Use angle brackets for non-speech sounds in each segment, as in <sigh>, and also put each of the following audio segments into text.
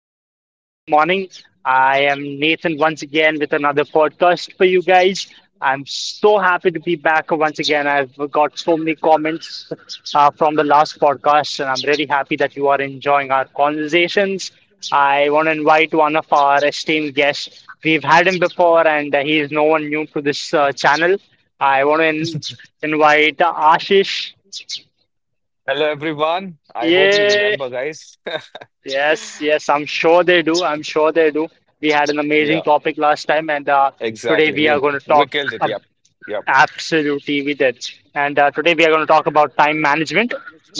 This wonderful morning. I am Nathan once again with another podcast for you guys. I'm so happy to be back once again. I've got so many comments from the last podcast, and I'm really happy that you are enjoying our conversations. I want to invite one of our esteemed guests. We've had him before, and he is no one new to this channel. I want to invite Ashish. Hello, everyone. I hope you Yeah. remember, guys. <laughs> Yes, yes, I'm sure they do. I'm sure they do. We had an amazing Yeah, topic last time, and today exactly. we are We going to we talk. killed it. ab- Yep, yep, Absolutely, we did. And today we are going to talk about time management.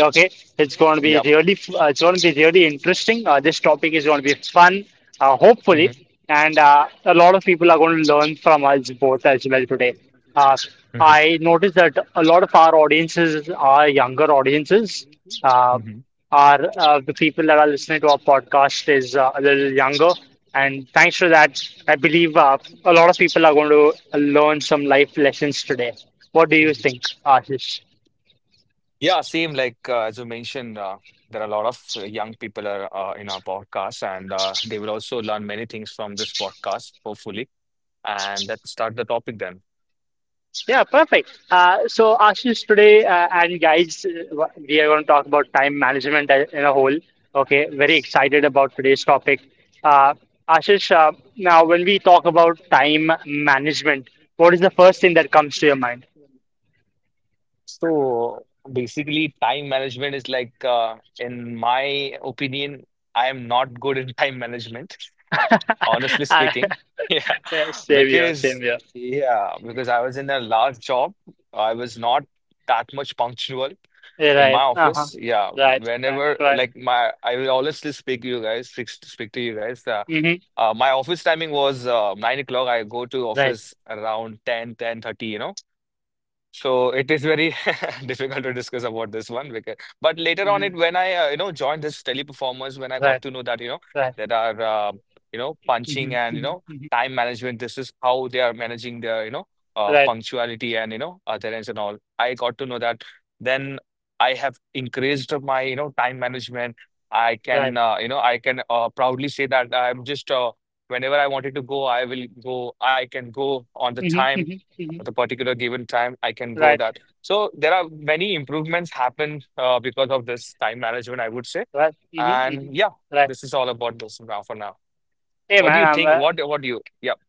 Okay, it's going to be yep. really, it's going to be really interesting. This topic is going to be fun, hopefully, Mhm, and a lot of people are going to learn from us both as well today. Uh, mhm, I noticed that a lot of our audiences are younger audiences. Uh, mhm. our The people that are listening to our podcast is a little younger, and thanks to that, I believe a lot of people are going to learn some life lessons today. What do you Mhm. think, Ashish? Yeah, same. Like as you mentioned, there are a lot of young people are in our podcast, and they will also learn many things from this podcast, hopefully. And let's start the topic then. Yeah, perfect. So, Ashish, today and guys, we are going to talk about time management in a whole. Okay, very excited about today's topic. Uh, Ashish, now when we talk about time management, what is the first thing that comes to your mind? So basically, time management is like, in my opinion, I am not good in time management, <laughs> honestly <laughs> speaking. <laughs> Yeah, Savior, because savior. Yeah, because I was in a last job. I was not that much punctual Yeah, in my right. Uh huh. office. Yeah, Right. Right. whenever Right. like my I will honestly speak you guys, speak to you guys. Mm-hmm. My office timing was 9 o'clock. I go to Right. office around 10, 10:30, So it is very <laughs> difficult to discuss about this one, because but later on it, Mm-hmm. when I joined this teleperformance, when I got Right. to know that Right. there are punching Mm-hmm. and Mm-hmm. Mm-hmm. time management, this is how they are managing their Right. punctuality and adherence and all, I got to know that. Then I have increased my time management. I can Right. Proudly say that I'm just whenever I wanted to go, I will go. I can go on the Mm-hmm. time. Mm-hmm. Mm-hmm. At a particular given time, I can go Right. that. So there are many improvements happen, because of this time management, I would say. Right. Mm-hmm. And yeah, Mm-hmm. Right. this is all about this. Now for now, Hey what do man, you I'm. think? What what do you yeah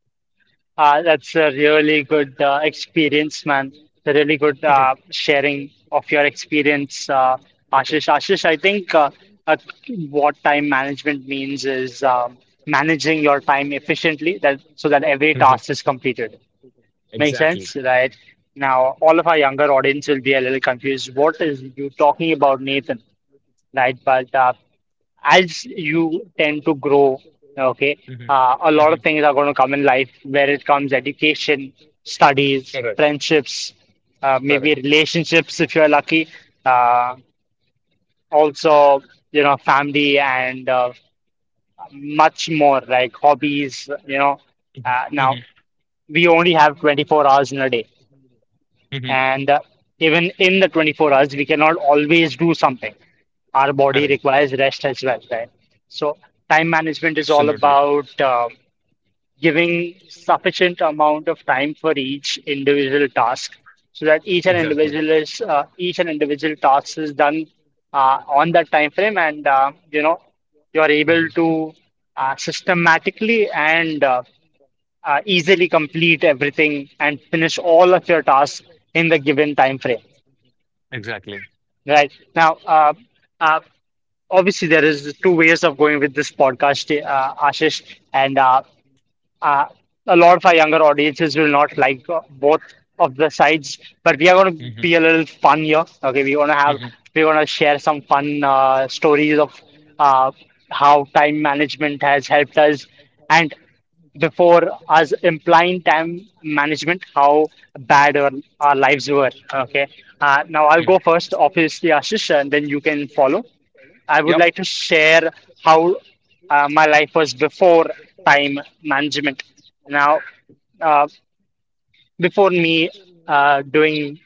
That's a really good experience, man. It's a really good <laughs> sharing of your experience, Mhm. Ashish. Ashish, I think uh, what time management means is managing your time efficiently, that so that every Mhm. task is completed. Makes Exactly. sense, right? Now, all of our younger audience will be a little confused. What is you talking about, Nathan? Right? But as you tend to grow, okay, Mhm. A lot of Mhm. things are going to come in life where it comes education, studies, Correct. friendships, maybe Correct. relationships if you're lucky, uh, also, you know, family and much more like hobbies, you know. Mhm. Now, Mhm. we only have 24 hours in a day. Mhm. And even in the 24 hours, we cannot always do something. Our body Correct. requires rest as well, right? So time management is all Absolutely. about giving sufficient amount of time for each individual task, so that Exactly. Each and individual task is done on that time frame, and you know you are able Mhm. to systematically and easily complete everything and finish all of your tasks in the given time frame Exactly. right now. Uh, Obviously there is two ways of going with this podcast, Ashish, and uh, a lot of our younger audiences will not like both of the sides, but we are going to Mhm. be a little fun here. Okay, Mhm. we want to share some fun stories of uh, how time management has helped us, and before us implying time management, how bad our, our lives were. Okay, now I'll go Mhm. first, obviously, Ashish, and then you can follow. I would Yep. like to share how my life was before time management. Now, uh, before me uh, doing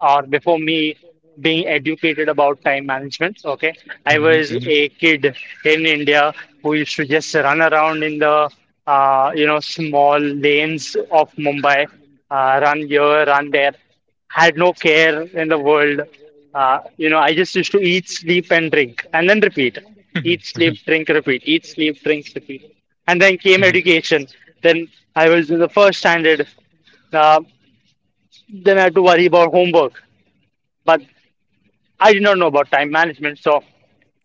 before me being educated about time management, okay, I Mhm. was Mhm. a kid in India who used to just run around in the you know small lanes of Mumbai, run here, run there, had no care in the world. You know, I just used to eat, sleep, and drink, and then repeat. Eat, Mhm. sleep, Mhm. drink, repeat. Eat, sleep, drink, repeat. And then came Mhm. education. Then I was in the first standard. Uh, then I had to worry about homework. But I did not know about time management, so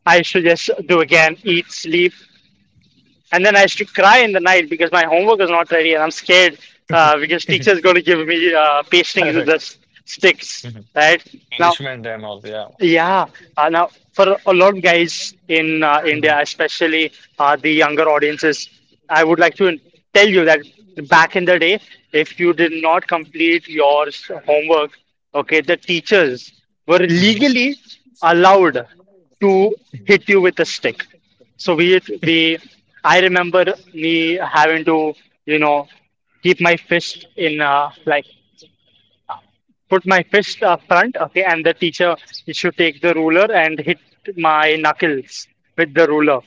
I used to just do again, eat, sleep, and then I used to cry in the night because my homework is not ready and I'm scared because teacher is going to <laughs> give me pastings with Correct. the sticks, Mhm. right? Now Punishment and all, yeah. yeah, now for a lot of guys in India, Mhm. especially the younger audiences, I would like to tell you that back in the day, if you did not complete your homework, okay, the teachers were Mhm. legally allowed to hit <laughs> you with a stick. So we I remember me having to, you know, keep my fist in like put my fist up front, okay, and the teacher should take the ruler and hit my knuckles with the ruler,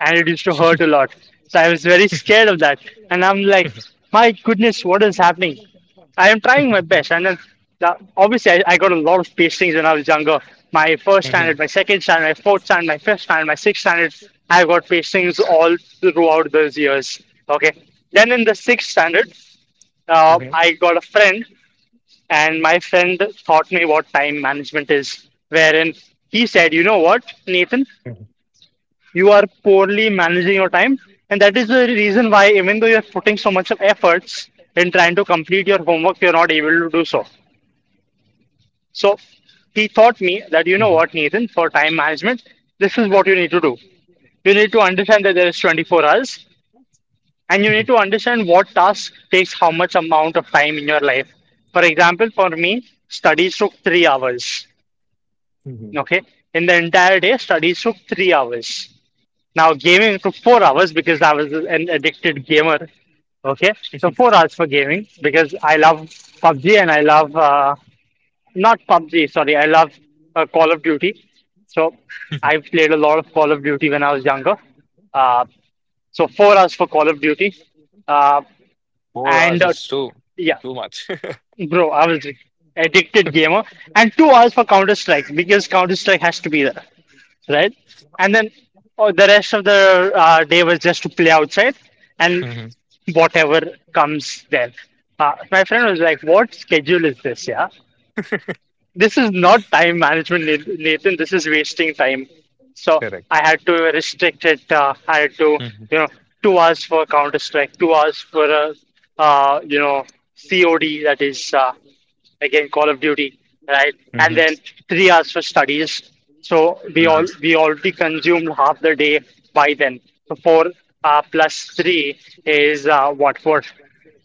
and it used to hurt a lot. So I was very scared of that, and I'm like, my goodness, what is happening? I am trying my best, and then obviously I got a lot of pastings when I was younger. My first standard, my second standard, my fourth standard, my fifth standard, my sixth standard. I got pastings all throughout those years. Okay. Then in the sixth standard, I got a friend and my friend taught me what time management is, wherein he said, "You know what, Nathan, you are poorly managing your time. And that is the reason why, even though you're putting so much of efforts in trying to complete your homework, you're not able to do so." So he taught me that, you know what, Nathan, for time management, this is what you need to do. You need to understand that there is 24 hours and you need to understand what task takes how much amount of time in your life. For example, for me, studies took 3 hours. Okay, in the entire day, studies took 3 hours. Now, gaming took 4 hours because I was an addicted gamer. Okay, so 4 hours for gaming because I love PUBG and I love not PUBG, sorry, I love Call of Duty. So I played a lot of Call of Duty when I was younger. Uh, so 4 hours for Call of Duty, uh, Four and hours is yeah, too much. <laughs> bro, I was addicted gamer, and 2 hours for Counter Strike because Counter Strike has to be there, right? And then oh, the rest of the day was just to play outside and Mhm. whatever comes there. My friend was like, "What schedule is this? Yeah, this is not time management, Nathan. This is wasting time." So Correct. I had to restrict it. I had to, Mhm. you know, 2 hours for Counter Strike, 2 hours for you know, COD, that is again Call of Duty, right? And Mhm. then 3 hours for studies. So Mhm. We already consumed half the day by then. So four plus three is what? Four.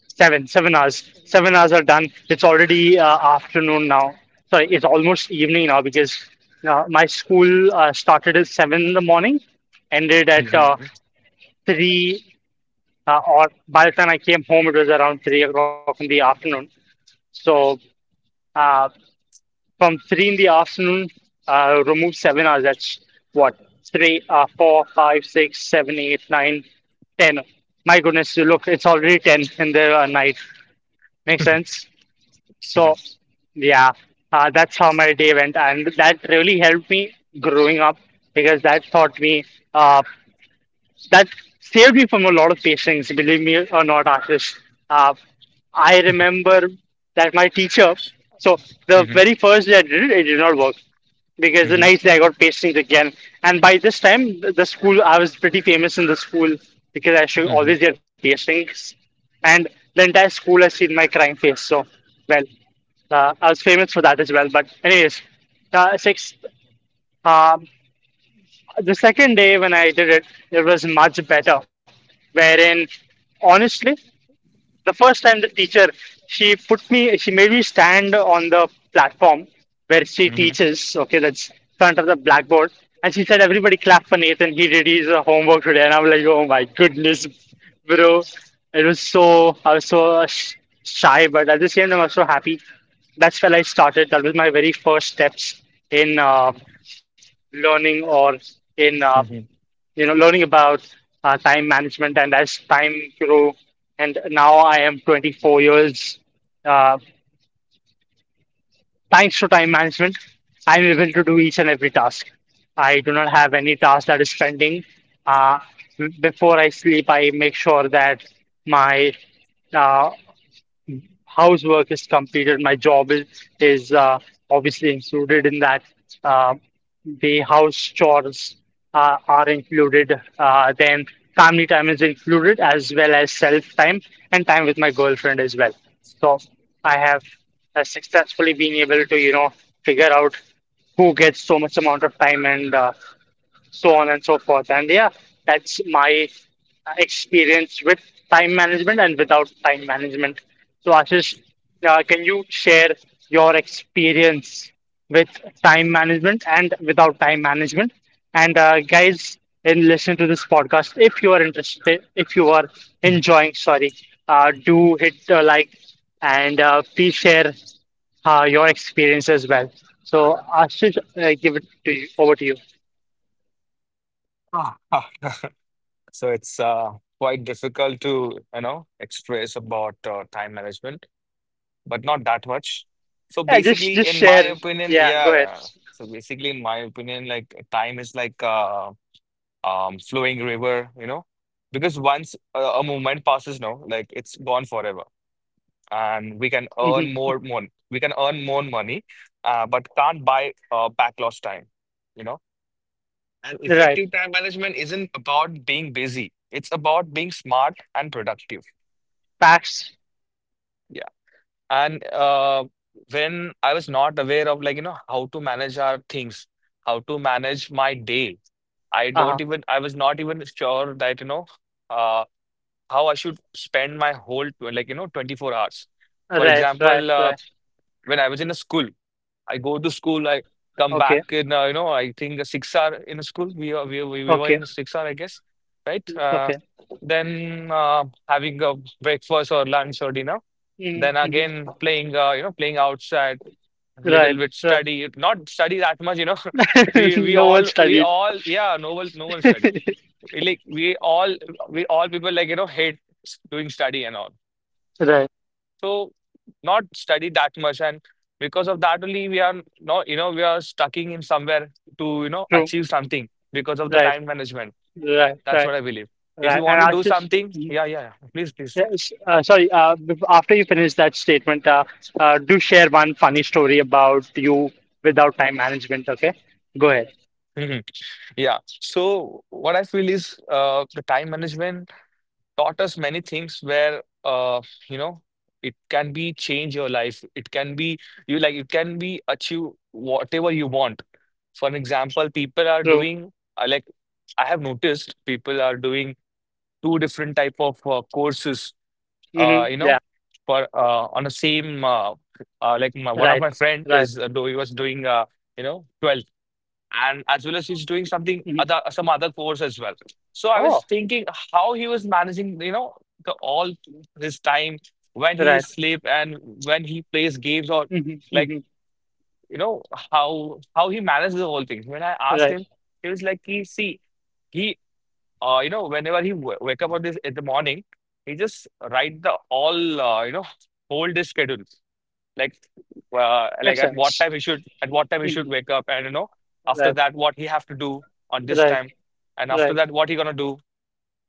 Seven, 7 hours. 7 hours are done. It's already afternoon now. Sorry, it's almost evening now because my school started at seven in the morning, ended at Mhm. Three, or by the time I came home, it was around 3 o'clock in the afternoon. So uh, from three in the afternoon, remove 7 hours. That's what? Three, four, five, six, seven, eight, nine, ten. My goodness, you look, it's already ten in the night. Makes Mhm. sense? Yeah. So, yeah, that's how my day went, and that really helped me growing up because that taught me. Uh, that saved me from a lot of patients, believe me or not, Ashish. Uh, I remember that my teacher, so Mhm. the Mhm. very first day I did it, it did not work because the Mhm. next day I got patients again. And by this time, the school, I was pretty famous in the school because I should Mhm. always get patients. And the entire school has seen my crying face. So, well, I was famous for that as well. But anyways, uh, sixth, um, the second day when I did it, it was much better. Wherein, honestly, the first time the teacher, she made me stand on the platform where she teaches, okay, that's front of the blackboard. And she said, "Everybody clap for Nathan, he did his homework today." And I'm like, oh my goodness, bro. I was so shy, but at the same time, I was so happy. That's when I started. That was my very first steps in learning or in Mhm. you know, learning about time management. And as time grew, and now I am 24 years, uh, thanks to time management, I'm able to do each and every task. I do not have any task that is pending. Uh, Before I sleep, I make sure that my uh, housework is completed, my job is obviously included in that. Uh, the house chores are included. Then family time is included as well as self time and time with my girlfriend as well. So I have successfully been able to figure out who gets so much amount of time and so on and so forth. And yeah, that's my experience with time management and without time management. So, Ashish, can you share your experience with time management and without time management? And guys, in listening to this podcast, if you are interested, if you are Mhm. enjoying, sorry, do hit like and please share your experience as well. So, Ashish, give it to you, over to you. Ah, ah. So it's quite difficult to express about time management, but not that much. So Yeah, just basically, just in my share. opinion, Yeah, yeah. go ahead. Yeah. So basically, in my opinion, like time is like flowing river, you know, because once a movement passes now, like it's gone forever. And we can earn Hmm. more money. We can earn more money, but can't buy back lost time, you know. And Right. effective time management isn't about being busy; it's about being smart and productive. Packs. Yeah, and when I was not aware of like how to manage our things, how to manage my day. Uh-huh. I was not even sure that uh, how I should spend my whole 24 hours. For Right, right, example, right. when I was in a school, I go to school. Okay, I come back okay, in I think a 6 hour in a school. We are we were okay, in 6 hour I guess, right? Okay. Then having a breakfast or lunch or dinner. Then Mm-hmm. Mm-hmm. again playing playing outside, a little Right, bit right. study, not study that much, you know. <laughs> <laughs> No one We studied. all, yeah, no one <laughs> studies. We, like we all people like hate doing study and all. Right. So not study that much. And because of that only, we are not, we are stuck in somewhere to True. achieve something because of the Right, time management. right, That's right, what I believe. If you right. want And to do Ashish, something, mhm. yeah, yeah, yeah, please, please. Yes, sorry, after you finish that statement, do share one funny story about you without time management, okay? Go ahead. Mhm. Yeah, so what I feel is, the time management taught us many things, where uh, you know it can be change your life, it can be, you like, it can be achieve whatever you want. For an example, people are True. doing like I have noticed people are doing two different type of courses. Hmm. You know, Yeah. for On the same like one of Right, my friend right. is he was doing 12 and as well as he's doing Hmm. Some other course as well. So I Oh, was thinking how he was managing, the, all his time, when he right. sleep and when he plays games, or Mhm, like mhm. you know how he manages the whole thing. When I asked him, Right. he was like, he see he you know whenever he w wake up on this in the morning, he just write the all, whole day schedule, like Makes sense. At what time he should Mhm. wake up, and after Right. that, what he have to do on this Right. time, and after Right. that, what he gonna do,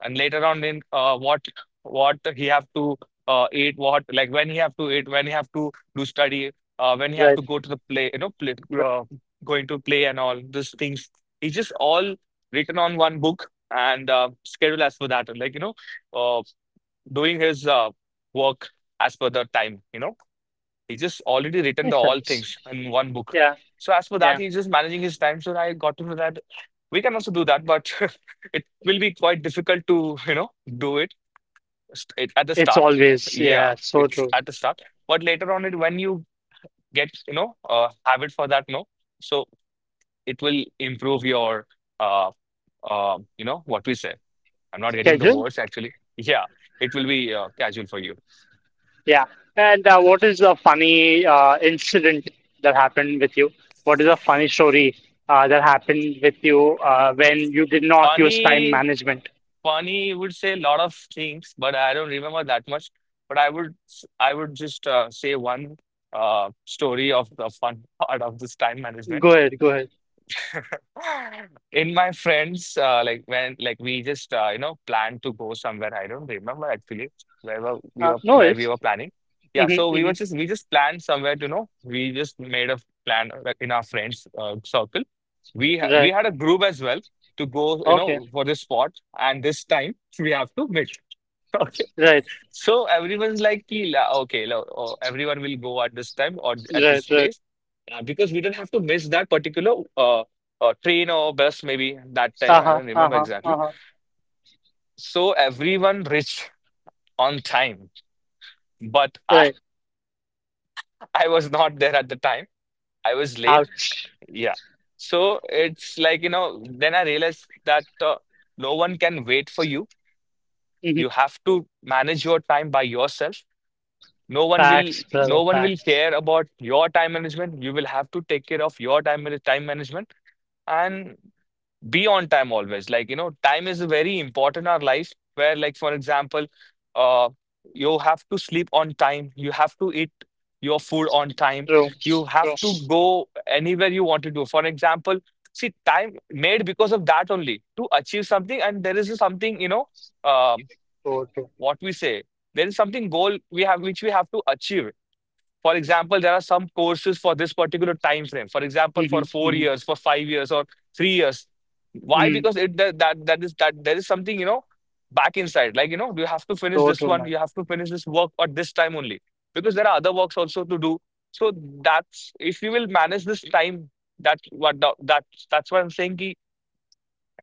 and later on in what he have to eat, what, like when he have to eat, when he have to do study, when he have Right. to go to the play, play, Right. uh, going to play, and all these things. It's just all written on one book, and schedule as per that, and uh, doing his work as per the time, you know. He just already written the Makes all sense. things in one book. Yeah. So as for that, Yeah. he's just managing his time. So I got to know that we can also do that, but <laughs> it will be quite difficult to do it at the It's start. always, Yeah, yeah, so it's true. at the start, but later on it, when you get habit for that, no, so it will improve your uh, what we say. I'm not getting the Schedule. words actually. Yeah, it will be casual for you. Yeah. And what is the funny incident that happened with you? What is a funny story that happened with you when you did not use time funny management? Funny would say a lot of things, but I don't remember that much. But I would I would just say one uh, story of the fun <laughs> part of this time management. Go ahead. Go ahead. In my friends, like when like we just planned to go somewhere. I don't remember actually No, where we it's. were planning. Yeah, so Mm-hmm, we mm-hmm. were just we just planned somewhere. You know, we just made a plan, like, in our friends circle. We Right. had a group as well to go, you Okay. know, for this spot. And this time we have to meet. <laughs> Right. So everyone's like, "Ki, oh, everyone will go at this time or at Right. this Right. place, because we don't have to miss that particular train or bus, maybe that time. I Uh-huh. don't remember Uh-huh. exactly." Uh-huh. So everyone reached on time, but Right. <laughs> I was not there at the time. I was late. Ouch. Yeah. So it's like, you know, then I realized that no one can wait for you. Mhm. You have to manage your time by yourself. Facts, brother, No one will facts. care about your time management. You will have to take care of your time management. And be on time always, like you know. Time is very important in our life, where, like, for example, uh you have to sleep on time, you have to eat your food on time, True, you have to so go anywhere you want to do. For example, see, time made because of that only to achieve something. And there is something, you know uh, true. what we say there is something goal we have which we have to achieve. For example, there are some courses for this particular time frame. For example, Mm-hmm, for four mm-hmm, years, for 5 years, or 3 years. Why? mm-hmm. Because that is that there is something, you know, back inside, like you know. You have to So finish true, this man. one. You have to finish this work at this time only, because there are other works also to do. So that's if you will manage this time. That's what the, that that's what I'm saying. Ki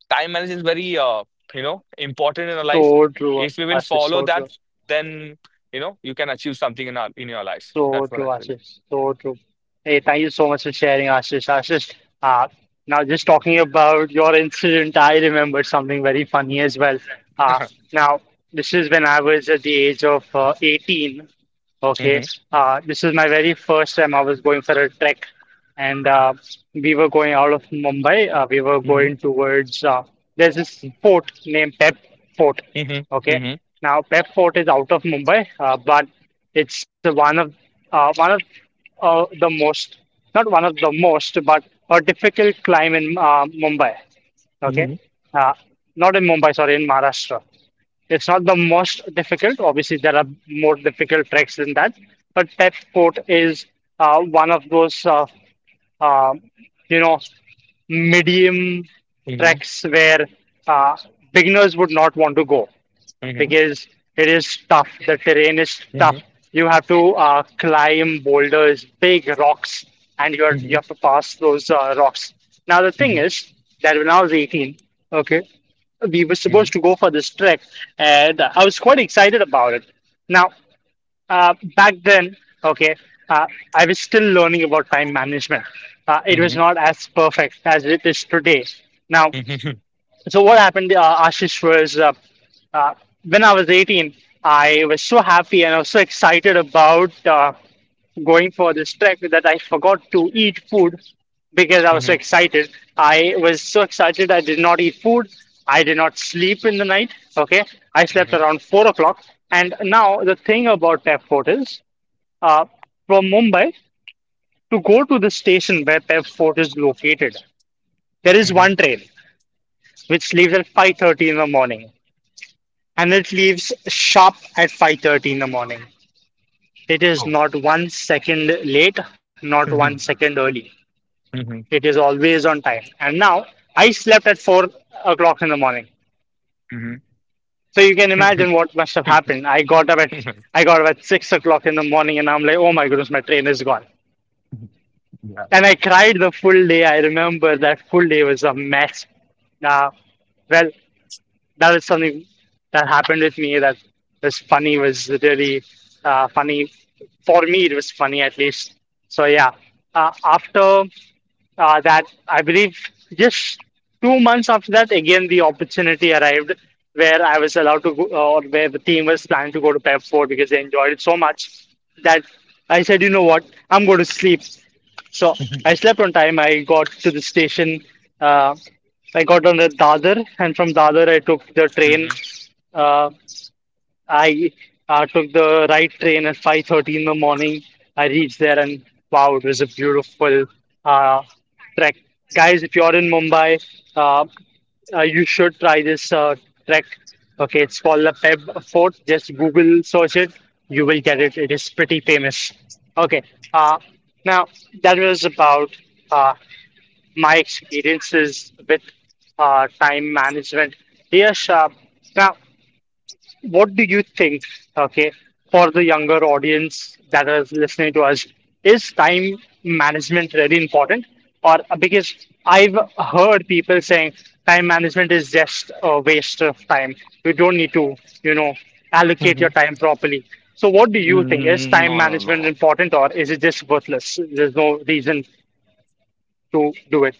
time management is very, important in our life. So true, If we will Ashish, follow so that, true. then you know you can achieve something in our in your life. So That's what true, I feel. Ashish. So true. Hey, thank you so much for sharing, Ashish. Ashish, uh, now just talking about your incident, I remembered something very funny as well. Uh, <laughs> Now, this is when I was at the age of 18. Okay, Mhm, this is my very first time I was going for a trek, and we were going out of Mumbai. We were mhm, going towards there's this mhm, fort named Pep Fort. mhm, Okay, mhm, now Pep Fort is out of Mumbai, but it's one of the most, not one of the most, but a difficult climb in Mumbai. Okay, mhm, uh, not in Mumbai, sorry, in Maharashtra. It's not the most difficult. Obviously, there are more difficult treks than that, but Tep Fort is one of those, uh, you know, medium mhm, treks where uh, beginners would not want to go mhm, because it is tough. The terrain is mhm, tough. You have to climb boulders, big rocks, and mhm, you mhm, have to pass those rocks. Now the thing mhm, is that when I was 18, okay, we were supposed to go for this trek, and I was quite excited about it. Now, back then, okay, uh, I was still learning about time management. It mhm, was not as perfect as it is today. Now, mhm, so what happened, Ashish, was uh, when I was 18, I was so happy and I was so excited about going for this trek that I forgot to eat food because I was so mhm, excited. I was so excited I did not eat food. I did not sleep in the night. Okay, I mhm, slept around 4 o'clock. And now the thing about Pep Fort is, uh, from Mumbai to go to the station where Pep Fort is located, there is one mhm. train which leaves at 5:30 in the morning. And it leaves sharp at 5:30 in the morning. It is Oh. not 1 second late, not one Mhm, second early. mhm, It is always on time. And now I slept at 4 o'clock in the morning. mhm, So you can imagine <laughs> what must have mhm, happened. I got up at 6 o'clock in the morning and I'm like, oh my goodness, my train is gone. mhm, yeah. And I cried the full day. I remember that full day was a mess. Uh, well, that is something that happened with me that was really funny. For me it was funny at least. So yeah, after that I believe just 2 months after that again the opportunity arrived where I was allowed to go or where the team was planning to go to Pep 4 because they enjoyed it so much that I said, you know what, I'm going to sleep. So I slept on time. I got to the station. Uh, I got on the Dadar, and from Dadar I took the train. Mhm, Uh, I took the right train at 5:30 in the morning. I reached there and wow, it was a beautiful uh, trek. Guys, if you're in Mumbai, uh, you should try this trek. Okay, it's called the Peb Fort. Just Google search it. You will get it. It is pretty famous. Okay, uh, now that was about uh, my experiences with time management. Yes, now what do you think, okay, for the younger audience that is listening to us, is time management really important? Or because I've heard people saying time management is just a waste of time. You don't need to, you know, allocate your mhm. time properly. So what do you think? Is Mm. time No, no, management no. important or is it just worthless? There's no reason to do it.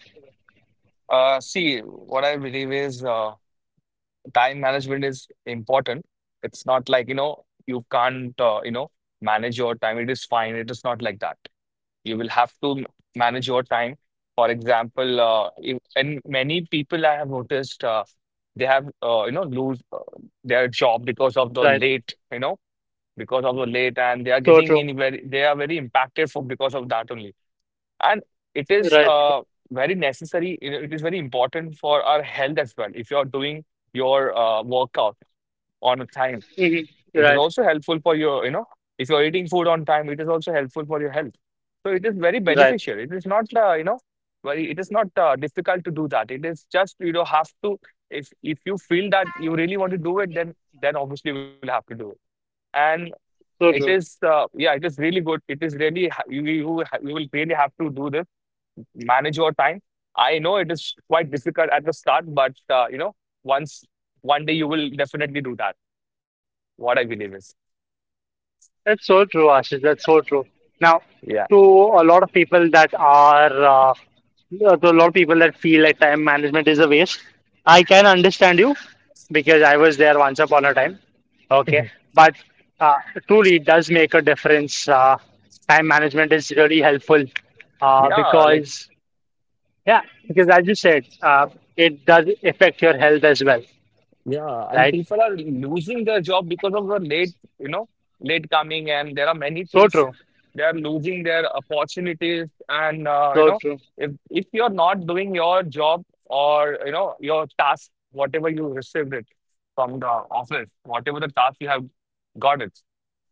See, what I believe is, time management is important. It's not like, you know, you can't, manage your time. It is fine. It is not like that. You will have to manage your time. For example, if, and many people I have noticed, they have, lose, their job because of the Right. late, you know, because of the late, and they are So getting true. in very, they are very impacted for because of that only. And it is, Right. Right. very necessary. It is very important for our health as well. If you are doing your workout on a time, Mhm. it is Right. also helpful for your, if you're eating food on time, it is also helpful for your health. So it is very Right. beneficial. It is not, it is not difficult to do that. It is just, have to, if you feel that you really want to do it, then obviously you will have to do it. And it So true. is, yeah, it is really good. It is really, you you will really have to do this, manage your time. I know it is quite difficult at the start, but, once, one day you will definitely do that. What I believe is, That's so true, Ashish. That's so true. Now, yeah. to a lot of people that are, uh, to a lot of people that feel like time management is a waste, I can understand you because I was there once upon a time. Okay. <laughs> But uh, truly, it does make a difference. Time management is really helpful uh, Yeah, like because, yeah, because as you said, it does affect your health as well, yeah, and right? people are losing their job because of the late, you know, late coming, and there are many So things true. they are losing their opportunities. And So true. If you're not doing your job or you know your task, whatever you received it from the office, whatever the task you have got it,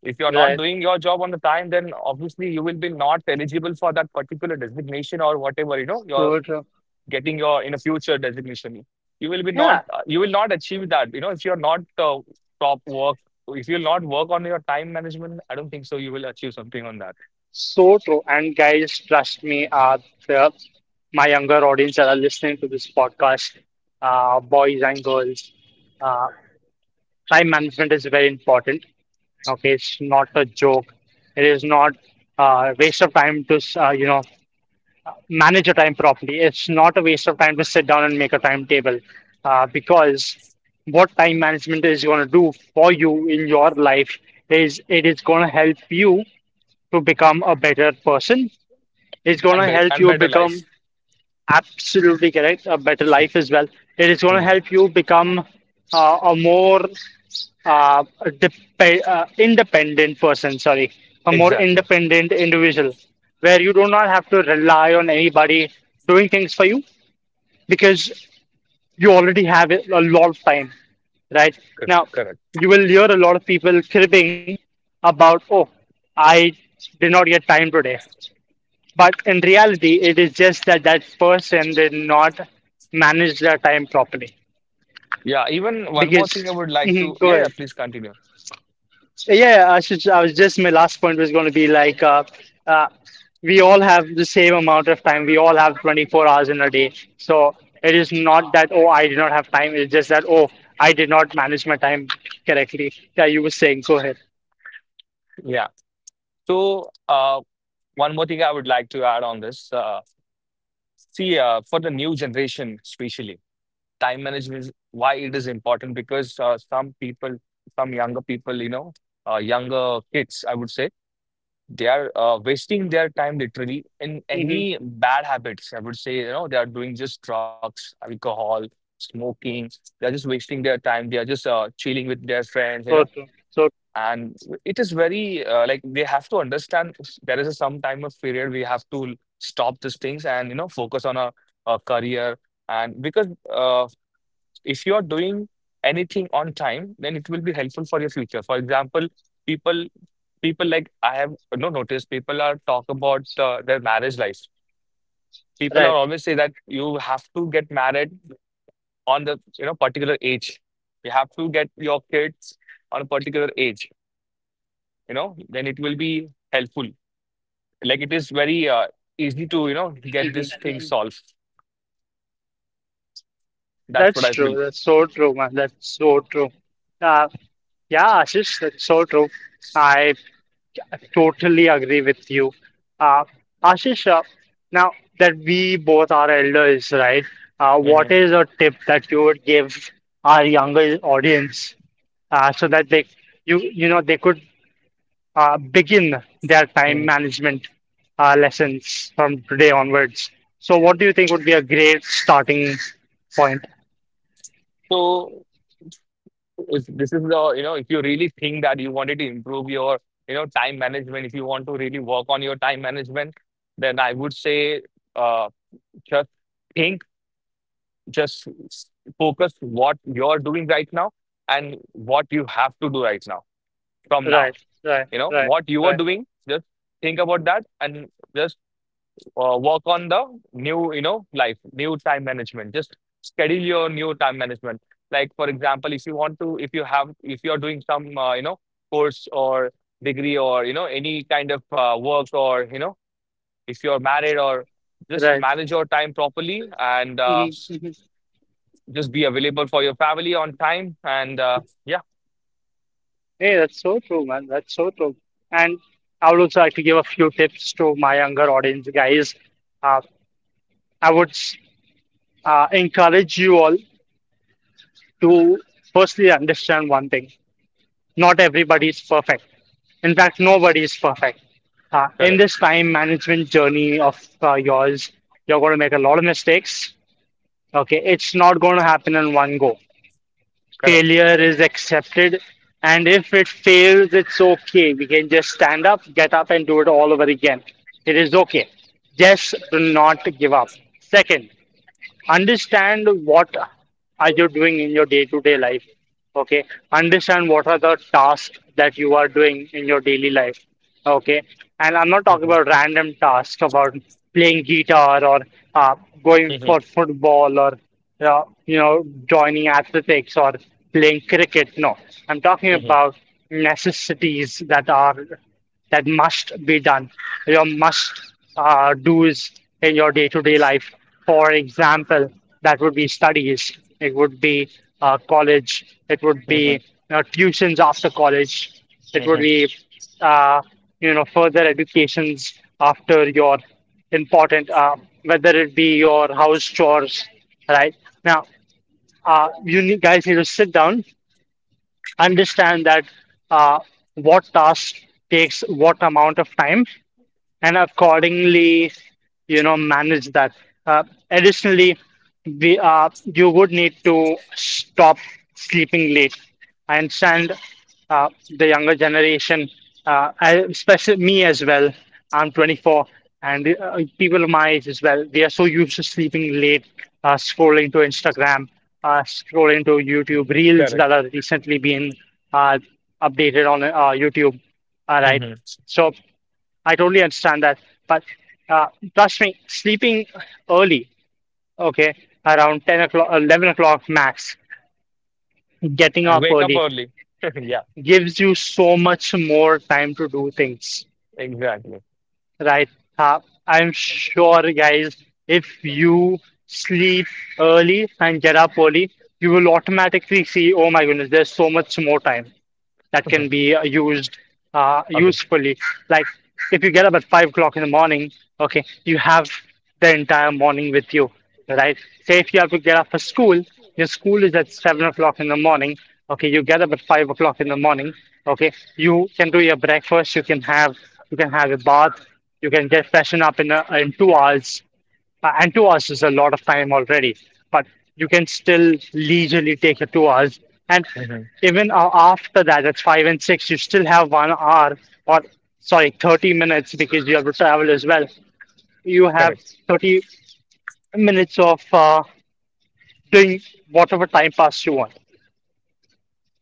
if you're not Right. doing your job on the time, then obviously you will be not eligible for that particular designation or whatever you know your So true. getting your in a future designation you will be not Yeah. You will not achieve that, you know, if you're not uh, top work, if you'll not work on your time management, I don't think so you will achieve something on that So true. And guys, trust me, the, my younger audience that are listening to this podcast, boys and girls, uh, time management is very important. Okay, it's not a joke. It is not a waste of time to, you know, manage your time properly. It's not a waste of time to sit down and make a timetable, because what time management is going to do for you in your life is it is going to help you to become a better person. It's and gonna be- help and you better life. become, absolutely correct, a better life as well. It is gonna Mm, help you become a more uh, independent person, sorry, a more exactly. independent individual where you do not have to rely on anybody doing things for you because you already have it a lot of time, right? Now Correct. you will hear a lot of people cribbing about, oh, I did not get time today, but in reality, it is just that that person did not manage their time properly. Yeah, even one more Because, thing I would like to, mhm, go yeah, yeah, ahead. please continue. Yeah, I should. I was just My last point was going to be like, uh, we all have the same amount of time. We all have 24 hours in a day. So it is not that, oh, I did not have time. It's just that, oh, I did not manage my time correctly. Yeah, you were saying. Go ahead. Yeah, so uh, one more thing I would like to add on this. See, for the new generation especially, time management is why it is important, because some people, some younger people, you know, younger kids, I would say, they are wasting their time literally in Mm-hmm. any bad habits. I would say, you know, they are doing just drugs, alcohol, smoking. They are just wasting their time. They are just chilling with their friends, you know. So true. So And it is very like they have to understand there is a some time of period we have to stop these things and you know focus on a career. And because if you are doing anything on time, then it will be helpful for your future. For example, people people like I have, you know, noticed people are talk about their marriage life. People are right. always say that you have to get married on the, you know, particular age, you have to get your kids on a particular age, you know, then it will be helpful. Like it is very easy to, you know, get this thing Hmm. solved. That's That's what I believe. true. That's so true, man. That's so true. Uh, Yeah, Ashish, that's so true. I totally agree with you. Uh, Ashish, now that we both are elders, right? What Mhm, is a tip that you would give our younger audience so that they, you know, they could begin their time mhm. management lessons from today onwards? So, what do you think would be a great starting point? So if this is the, you know, if you really think that you wanted to improve your, you know, time management, if you want to really work on your time management, then I would say uh, just think, just s- focus what you're doing right now and what you have to do right now, from now, Right, right, you know, right, what you are right, doing. Just think about that and just work on the new, you know, life, new time management. Just schedule your new time management. Like for example, if you want to, if you have, if you're doing some course or degree or you know any kind of work or, you know, if you're married, or just right. manage your time properly. And Mhm. just be available for your family on time. And yeah. Hey, that's so true, man. That's so true. And I would also like to give a few tips to my younger audience, guys. Uh, I would encourage you all to firstly understand one thing. Not everybody is perfect. In fact, nobody is perfect. In Correct. this time management journey of yours, you're going to make a lot of mistakes. Okay, it's not going to happen in one go. Correct. Failure is accepted. And if it fails, it's okay. We can just stand up, get up, and do it all over again. It is okay. Just do not give up. Second, understand what are you doing in your day-to-day life. Okay, understand what are the tasks that you are doing in your daily life. Okay, and I'm not talking Mhm, about random tasks about playing guitar or uh, going for football or you know, joining athletics or playing cricket. No, I'm talking mhm, about necessities that are that must be done, your must do's in your day-to-day life. For example, that would be studies, it would be college, it would be, you mhm, know, tuitions after college, it would mhm, be uh, you know, further educations after your important whether it be your house chores, right? Now, guys need to sit down, understand that uh, what task takes what amount of time and accordingly, you know, manage that. Uh, Additionally, we you would need to stop sleeping late. I understand the younger generation, especially me as well. I'm 24, and people of my age as well. We are so used to sleeping late, scrolling to Instagram, scrolling to YouTube mhm. reels that Correct. are recently being uh, updated on YouTube. All right. Mhm. So. I totally understand that. But uh, trust me, sleeping early, okay, around 10 o'clock, 11 o'clock max, getting And up wake up early early. <laughs> Yeah. gives you so much more time to do things, Exactly. right? Uh, I'm sure, guys, if you sleep early and get up early, you will automatically see, oh my goodness, there's so much more time that can <laughs> be used Okay. usefully. Like if you get up at 5 o'clock in the morning, okay, you have the entire morning with you, right? Say if you have to get up for school, your school is at 7 o'clock in the morning. Okay, you get up at 5 o'clock in the morning. Okay, you can do your breakfast. You can have a bath. You can get freshen up in 2 hours. And 2 hours is a lot of time already, but you can still leisurely take your 2 hours. And Hmm. even after that, that's five and six, you still have 1 hour or sorry, 30 minutes because you have to travel as well. You have Correct. 30 minutes of doing whatever time pass you want.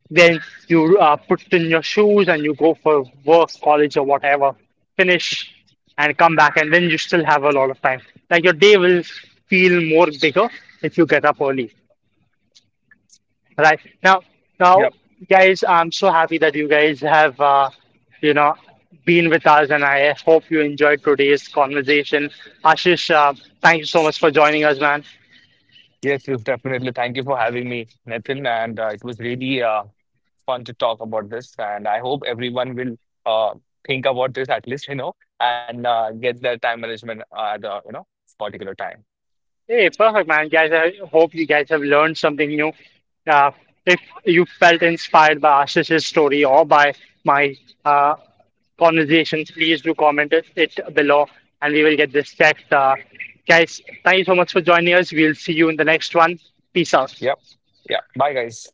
Then you put in your shoes and you go for work, college, or whatever, finish and come back, and then you still have a lot of time. Like your day will feel more bigger if you get up early, right? Now, Yep. guys, I'm so happy that you guys have, you know, been with us, and I hope you enjoyed today's conversation. Ashish, thank you so much for joining us, man. Yes, yes, definitely. Thank you for having me, Nathan. And it was really fun to talk about this. And I hope everyone will uh, think about this at least, you know, and get their time management at the, you know, particular time. Hey, perfect, man. Guys, I hope you guys have learned something new. Uh, if you felt inspired by Ashish's story or by my uh, conversation, please do comment it below and we will get this checked. Guys, thank you so much for joining us. We'll see you in the next one. Peace out. Yep. Yeah. Bye, guys.